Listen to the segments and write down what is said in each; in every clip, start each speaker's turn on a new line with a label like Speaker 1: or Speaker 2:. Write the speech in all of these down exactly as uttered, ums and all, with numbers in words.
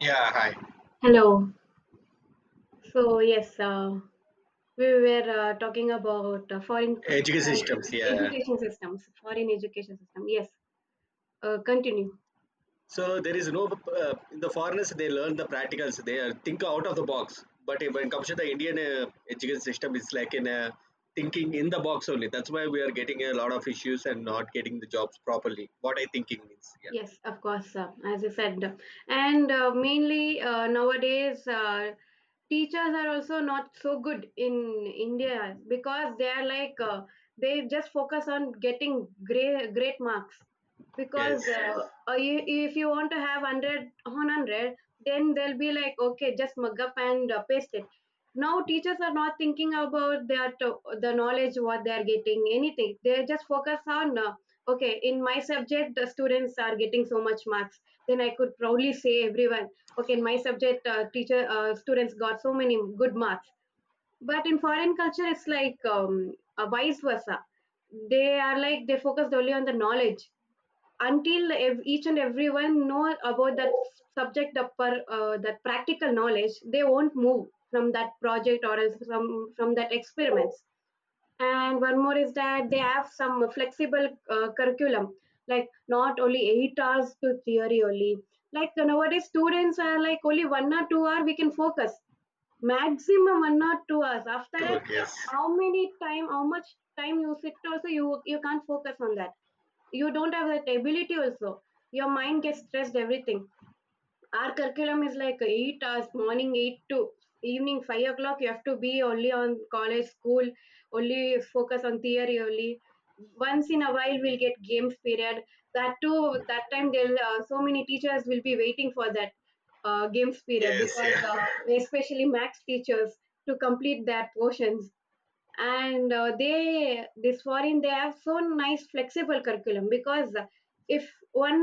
Speaker 1: Yeah, hi.
Speaker 2: Hello. So yes, uh, we were uh, talking about uh, foreign
Speaker 1: Education
Speaker 2: uh,
Speaker 1: systems, yeah.
Speaker 2: education systems, foreign education system. Yes. Uh, continue.
Speaker 1: So there is no, uh, in the foreigners, they learn the practicals, they are think out of the box. But when it comes to the Indian uh, education system, it's like in a thinking in the box only. That's why we are getting a lot of issues and not getting the jobs properly. What I thinking means, yeah.
Speaker 2: Yes, of course. Uh, as you said, and uh, mainly uh, nowadays uh, teachers are also not so good in India because they are like uh, they just focus on getting great great marks because
Speaker 1: Yes,
Speaker 2: uh, uh, you- if you want to have one hundred on one hundred, then they'll be like, okay, just mug up and uh, paste it. Now teachers are not thinking about their to- the knowledge what they are getting anything. They just focus on uh, okay, in my subject the students are getting so much marks, then I could proudly say everyone, okay, in my subject uh, teacher uh, students got so many good marks. But in foreign culture it's like um, uh, vice versa. They are like they focused only on the knowledge until ev- each and everyone know about that subject upper, uh, that practical knowledge they won't move from that project or else from from that experiments. And one more is that they have some flexible uh, curriculum, like not only eight hours to theory only. Like nowadays students are like only one or two hour we can focus, maximum one or two hours after
Speaker 1: tour,
Speaker 2: that.
Speaker 1: yes,
Speaker 2: How many time, how much time you sit also, you you can't focus on that. You don't have that ability also. Your mind gets stressed everything. Our curriculum is like eight hours, morning eight to evening five o'clock you have to be only on college school, only focus on theory only. Once in a while we'll get games period. That too, that time they'll, uh, so many teachers will be waiting for that uh, games period
Speaker 1: yes, yeah,
Speaker 2: because uh, especially max teachers to complete their portions. And uh, they this foreign, they have so nice flexible curriculum because if one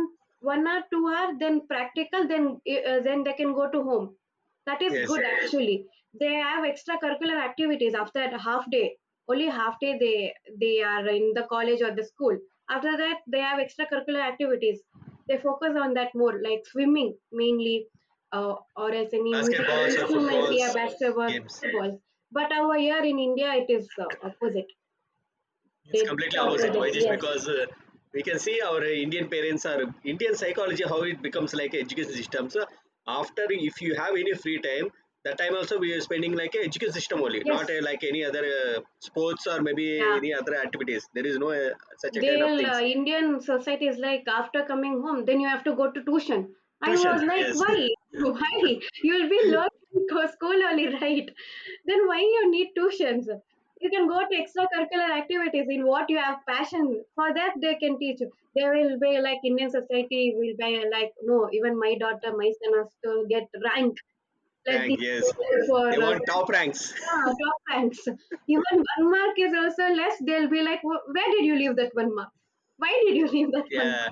Speaker 2: one hour, two hour, then practical, then eh, uh, then they can go to home. That is
Speaker 1: yes.
Speaker 2: good actually. They have extracurricular activities after half day. Only half day they they are in the college or the school. After that they have extracurricular activities. They focus on that more, like swimming mainly, uh, or else any musical
Speaker 1: Basketballs or
Speaker 2: instruments, yeah,
Speaker 1: footballs
Speaker 2: basketball,
Speaker 1: games.
Speaker 2: football. But over here in India, it is uh, opposite.
Speaker 1: It's
Speaker 2: It's
Speaker 1: completely opposite,
Speaker 2: opposite.
Speaker 1: Vajesh,
Speaker 2: Yes,
Speaker 1: because uh, we can see our uh, Indian parents are Indian psychology how it becomes like a education system. So after if you have any free time, that time also we are spending like a education system only,
Speaker 2: yes,
Speaker 1: not uh, like any other uh, sports or maybe
Speaker 2: yeah.
Speaker 1: any other activities. There is no uh, such a kind
Speaker 2: Their
Speaker 1: of
Speaker 2: uh,
Speaker 1: things.
Speaker 2: Indian society is like after coming home, then you have to go to tuition. I was
Speaker 1: Tuition,
Speaker 2: like,
Speaker 1: yes.
Speaker 2: why? Why? You'll be learning go school only, right? Then why you need tuitions? You can go to extracurricular activities in what you have passion for that they can teach you. They will be like, Indian society will be like, no, even my daughter, my son has to get rank. Let
Speaker 1: Rank,
Speaker 2: the,
Speaker 1: yes. They
Speaker 2: for us.
Speaker 1: want top ranks.
Speaker 2: Ah, top ranks. Even one mark is also less. They'll be like, "Wh- where did you leave that one mark? Why did you leave that one mark?"
Speaker 1: Yeah,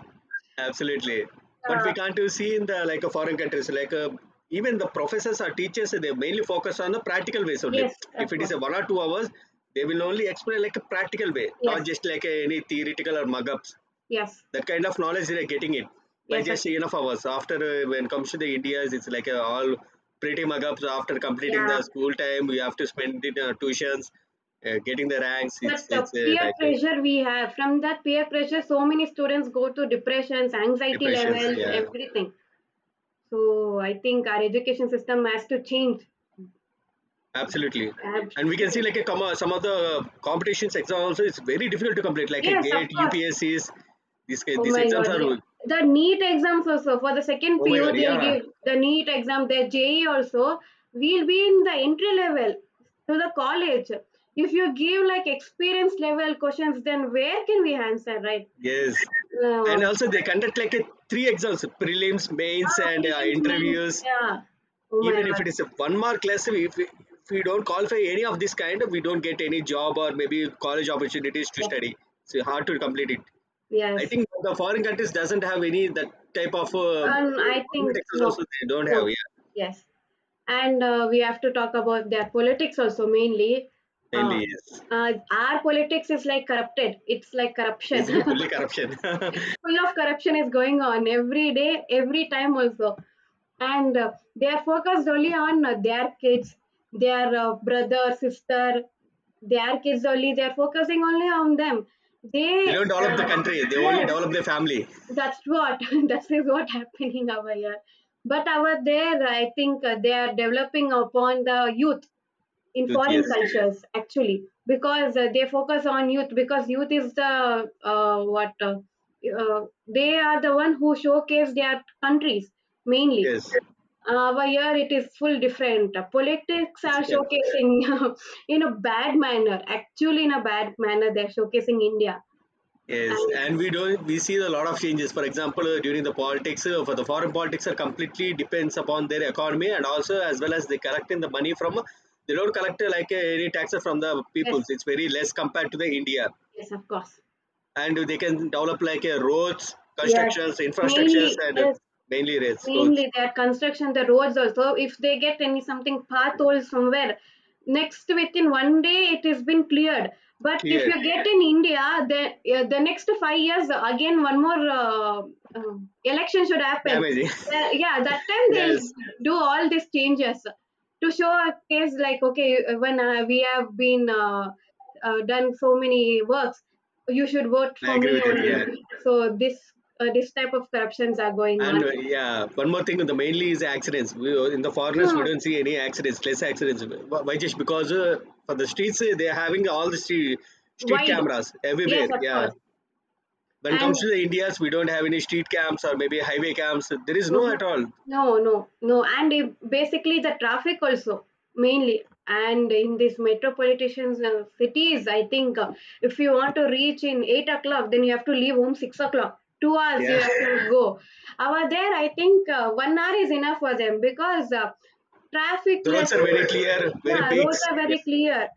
Speaker 1: absolutely. But
Speaker 2: Uh,
Speaker 1: we can't you see in the like a foreign countries like uh, even the professors or teachers they mainly focus on the practical ways only.
Speaker 2: yes,
Speaker 1: If
Speaker 2: of
Speaker 1: it is
Speaker 2: course.
Speaker 1: a one or two hours, they will only explain like a practical way, not
Speaker 2: Yes,
Speaker 1: just like a, any theoretical or mug ups.
Speaker 2: yes,
Speaker 1: That kind of knowledge they are getting it by
Speaker 2: yes. Of,
Speaker 1: just enough hours. After uh, when comes to the India's, it's like uh, all pretty mug ups. After completing the
Speaker 2: yeah.
Speaker 1: school time, we have to spend it uh, tuitions, uh, getting the ranks.
Speaker 2: But
Speaker 1: It's
Speaker 2: uh,
Speaker 1: it's uh,
Speaker 2: peer
Speaker 1: like uh,
Speaker 2: pressure we have. From that peer pressure, so many students go to depressions, anxiety
Speaker 1: depressions.
Speaker 2: levels,
Speaker 1: Yeah.
Speaker 2: everything. So I think our education system has to change.
Speaker 1: Absolutely. And we can see like a
Speaker 2: Absolutely.
Speaker 1: com- uh, some of the competitions exam also is very difficult to complete like a
Speaker 2: Yes, of
Speaker 1: gate
Speaker 2: course.
Speaker 1: U P S Cs, these
Speaker 2: Oh
Speaker 1: these
Speaker 2: my
Speaker 1: exams
Speaker 2: God,
Speaker 1: are
Speaker 2: yeah.
Speaker 1: oh
Speaker 2: The NEET exams also for the second
Speaker 1: my
Speaker 2: P U
Speaker 1: god,
Speaker 2: they'll
Speaker 1: yeah.
Speaker 2: give the NEET exam, the J E also. We'll be in the entry level to the college. If you give like experience level questions, then where can we answer, right?
Speaker 1: Yes, and
Speaker 2: No.
Speaker 1: also they conduct like a three exams prelims mains
Speaker 2: Ah,
Speaker 1: and uh,
Speaker 2: prelims means,
Speaker 1: interviews,
Speaker 2: yeah. Oh my
Speaker 1: even if
Speaker 2: God.
Speaker 1: it is a one mark less, if we, if we don't qualify any of this kind we don't get any job or maybe college opportunities to
Speaker 2: Yes.
Speaker 1: study, so hard to complete it. I
Speaker 2: Yes.
Speaker 1: think the foreign countries doesn't have any that type of uh,
Speaker 2: Um, I
Speaker 1: government
Speaker 2: think
Speaker 1: exams
Speaker 2: no,
Speaker 1: also they don't have,
Speaker 2: no.
Speaker 1: yeah.
Speaker 2: Yes. And uh, we have to talk about their politics also mainly. uh,
Speaker 1: Mainly, yes.
Speaker 2: uh, our politics is like corrupted, it's like
Speaker 1: This
Speaker 2: corruption
Speaker 1: is fully corruption.
Speaker 2: full of corruption is going on every day, every time also. And uh, they are focused only on uh, their kids, their uh, brother sister, their kids only, they are focusing only on them.
Speaker 1: They
Speaker 2: They
Speaker 1: don't develop the
Speaker 2: uh,
Speaker 1: country; they only
Speaker 2: yes,
Speaker 1: develop their family.
Speaker 2: that's what that is what happening over here. But over there I think uh, they are developing upon the youth in
Speaker 1: Youth,
Speaker 2: foreign
Speaker 1: yes,
Speaker 2: cultures actually because uh, they focus on youth because youth is the uh, what uh, uh, they are the one who showcase their countries mainly.
Speaker 1: yes,
Speaker 2: Uh, over here it is full different. Uh, politics
Speaker 1: it's
Speaker 2: are
Speaker 1: okay.
Speaker 2: showcasing in a bad manner, actually in a bad manner they're showcasing India.
Speaker 1: Yes,
Speaker 2: And
Speaker 1: and we don't. We see a lot of changes. For example, uh, during the politics, uh, for the foreign politics, are completely depends upon their economy and also as well as they collecting the money from. They don't collect uh, like uh, any taxes from the
Speaker 2: yes,
Speaker 1: peoples. It's very less compared to the India,
Speaker 2: yes, of course.
Speaker 1: and they can develop like uh, roads,
Speaker 2: Yes,
Speaker 1: constructions, infrastructures,
Speaker 2: mainly,
Speaker 1: and uh,
Speaker 2: yes.
Speaker 1: mainly roads, roads
Speaker 2: Mainly their construction, the roads also. If they get any something pothole somewhere, next within one day it has been cleared. But if
Speaker 1: cleared,
Speaker 2: you get in India, the uh, the next five years again one more uh, uh, election should happen.
Speaker 1: damaging.
Speaker 2: Uh, yeah, that time they'll
Speaker 1: Yes,
Speaker 2: do all these changes to show a case like, okay, when uh, we have been uh, uh, done so many works, you should vote
Speaker 1: I
Speaker 2: for
Speaker 1: agree
Speaker 2: me
Speaker 1: with it. Yeah.
Speaker 2: only. So this uh, this type of corruptions are going
Speaker 1: And
Speaker 2: on.
Speaker 1: uh, yeah, one more thing, the mainly is accidents. We, uh, in the foreigners, we
Speaker 2: Hmm.
Speaker 1: don't see any accidents, less accidents. Wh- Why just because uh, for the streets, uh, they are having all the street, street
Speaker 2: Wide.
Speaker 1: cameras
Speaker 2: Yes,
Speaker 1: everywhere.
Speaker 2: of
Speaker 1: Yeah.
Speaker 2: course.
Speaker 1: When it
Speaker 2: And
Speaker 1: comes to the Indians, we don't have any street cams or maybe highway cams. There is no
Speaker 2: mhm.
Speaker 1: at all.
Speaker 2: No, no, no. And it- basically the traffic also mainly. And in these metropolitan uh, cities, I think uh, if you want to reach in eight o'clock, then you have to leave home six o'clock. Two hours you
Speaker 1: Yeah.
Speaker 2: have to go. Over there, I think uh, one hour is enough for them because uh, traffic
Speaker 1: The
Speaker 2: less.
Speaker 1: roads are very clear, very
Speaker 2: Yeah,
Speaker 1: big.
Speaker 2: roads are
Speaker 1: Yeah.
Speaker 2: very clear.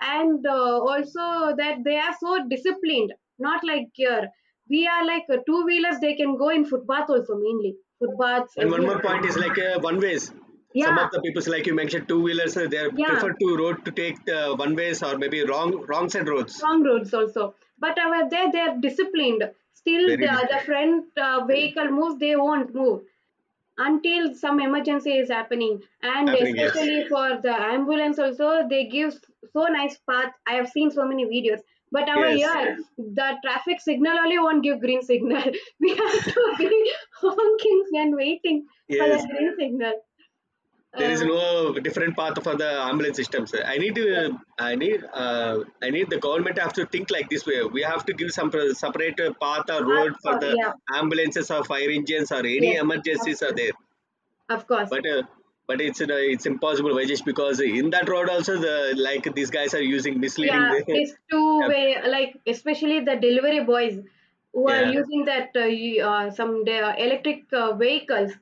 Speaker 2: And uh, also that they are so disciplined, not like here. We are like uh, two wheelers, they can go in footpath also mainly. Footpaths
Speaker 1: And one
Speaker 2: everywhere.
Speaker 1: more point is like uh, one ways. Some
Speaker 2: Yeah,
Speaker 1: of the people, like you mentioned, two wheelers, they are
Speaker 2: yeah,
Speaker 1: prefer to road to take the one ways or maybe wrong wrong side roads.
Speaker 2: wrong roads also. But over there, they are disciplined. Still,
Speaker 1: Very
Speaker 2: the, the
Speaker 1: difficult.
Speaker 2: front uh, vehicle moves, they won't move until some emergency is happening. And
Speaker 1: Happening, yes.
Speaker 2: especially for the ambulance also they give so nice path, I have seen so many videos. But over
Speaker 1: Yes.
Speaker 2: here the traffic signal only won't give green signal, we have to be honking and waiting for
Speaker 1: Yes.
Speaker 2: that green signal
Speaker 1: There
Speaker 2: uh,
Speaker 1: is no different path for the ambulance systems. I need
Speaker 2: yes,
Speaker 1: to, I need, uh, I need the government have to think like this way. We have to give some pro- separate uh, path or
Speaker 2: path
Speaker 1: road for
Speaker 2: for,
Speaker 1: the
Speaker 2: yeah.
Speaker 1: ambulances or fire engines or any
Speaker 2: Yes, of
Speaker 1: emergencies are
Speaker 2: course,
Speaker 1: there.
Speaker 2: of course.
Speaker 1: But, uh, but it's uh, it's impossible, Vajesh, because in that road also the like these guys are using misleading.
Speaker 2: Yeah, these two
Speaker 1: Yeah,
Speaker 2: way, like especially the delivery boys who are
Speaker 1: yeah,
Speaker 2: using that uh, y- uh, some the uh, electric uh, vehicles,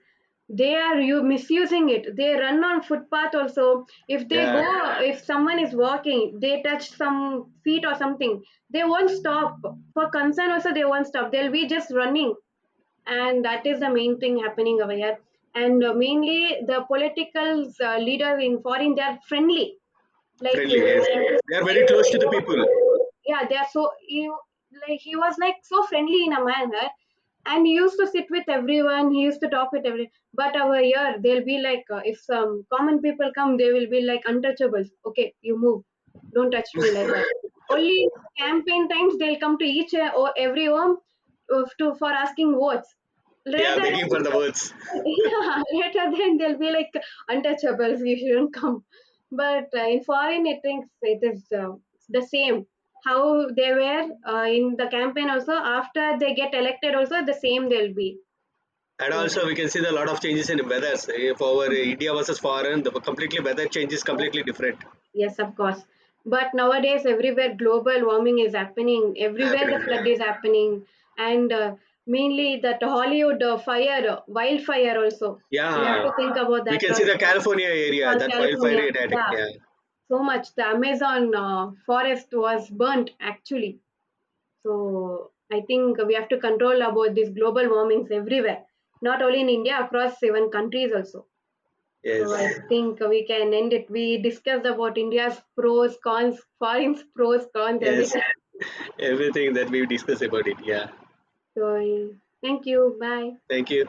Speaker 2: they are you misusing it. They run on footpath also. If they
Speaker 1: yeah,
Speaker 2: go, if someone is walking, they touch some feet or something, they won't stop. For concern also, they won't stop. They'll be just running, and that is the main thing happening over here. And uh, mainly, the political uh, leader in foreign, they are friendly like uh,
Speaker 1: friendly. Yes, they are very
Speaker 2: like
Speaker 1: close to the people.
Speaker 2: Yeah, they are so, you like, he was like so friendly in a manner, and he used to sit with everyone, he used to talk with everyone. But over here they'll be like uh, if some common people come they will be like untouchables, okay, you move, don't touch me like that only. Campaign times they'll come to each uh, or every home uh, to for asking votes.
Speaker 1: Yeah,
Speaker 2: Later,
Speaker 1: begging for the words.
Speaker 2: yeah, later then they'll be like untouchables. You shouldn't come. But uh, in foreign, it thinks it is uh, the same. How they were uh, in the campaign also. After they get elected, also the same they'll be.
Speaker 1: And
Speaker 2: So
Speaker 1: also, we can see the lot of changes in weathers. If our India versus foreign, the completely weather change is
Speaker 2: yes,
Speaker 1: completely different
Speaker 2: yes, of course. But nowadays, everywhere global warming is happening. Everywhere
Speaker 1: happening.
Speaker 2: the flood
Speaker 1: Yeah,
Speaker 2: is happening, and uh, mainly that Hollywood uh, fire, uh, wildfire also. You have
Speaker 1: yeah.
Speaker 2: to think about
Speaker 1: We
Speaker 2: that
Speaker 1: can see the
Speaker 2: also.
Speaker 1: California area
Speaker 2: Well,
Speaker 1: that wildfire
Speaker 2: California,
Speaker 1: attack.
Speaker 2: yeah,
Speaker 1: Yeah,
Speaker 2: so much. The Amazon uh, forest was burnt actually. So I think we have to control about these global warmings everywhere, not only in India, across seven countries also. So I
Speaker 1: yes,
Speaker 2: think we can end it. We discussed about India's pros, cons, foreign's pros, cons,
Speaker 1: yes.
Speaker 2: everything.
Speaker 1: Everything that we discussed about it. Yeah.
Speaker 2: So yeah. Thank you. Bye.
Speaker 1: Thank you.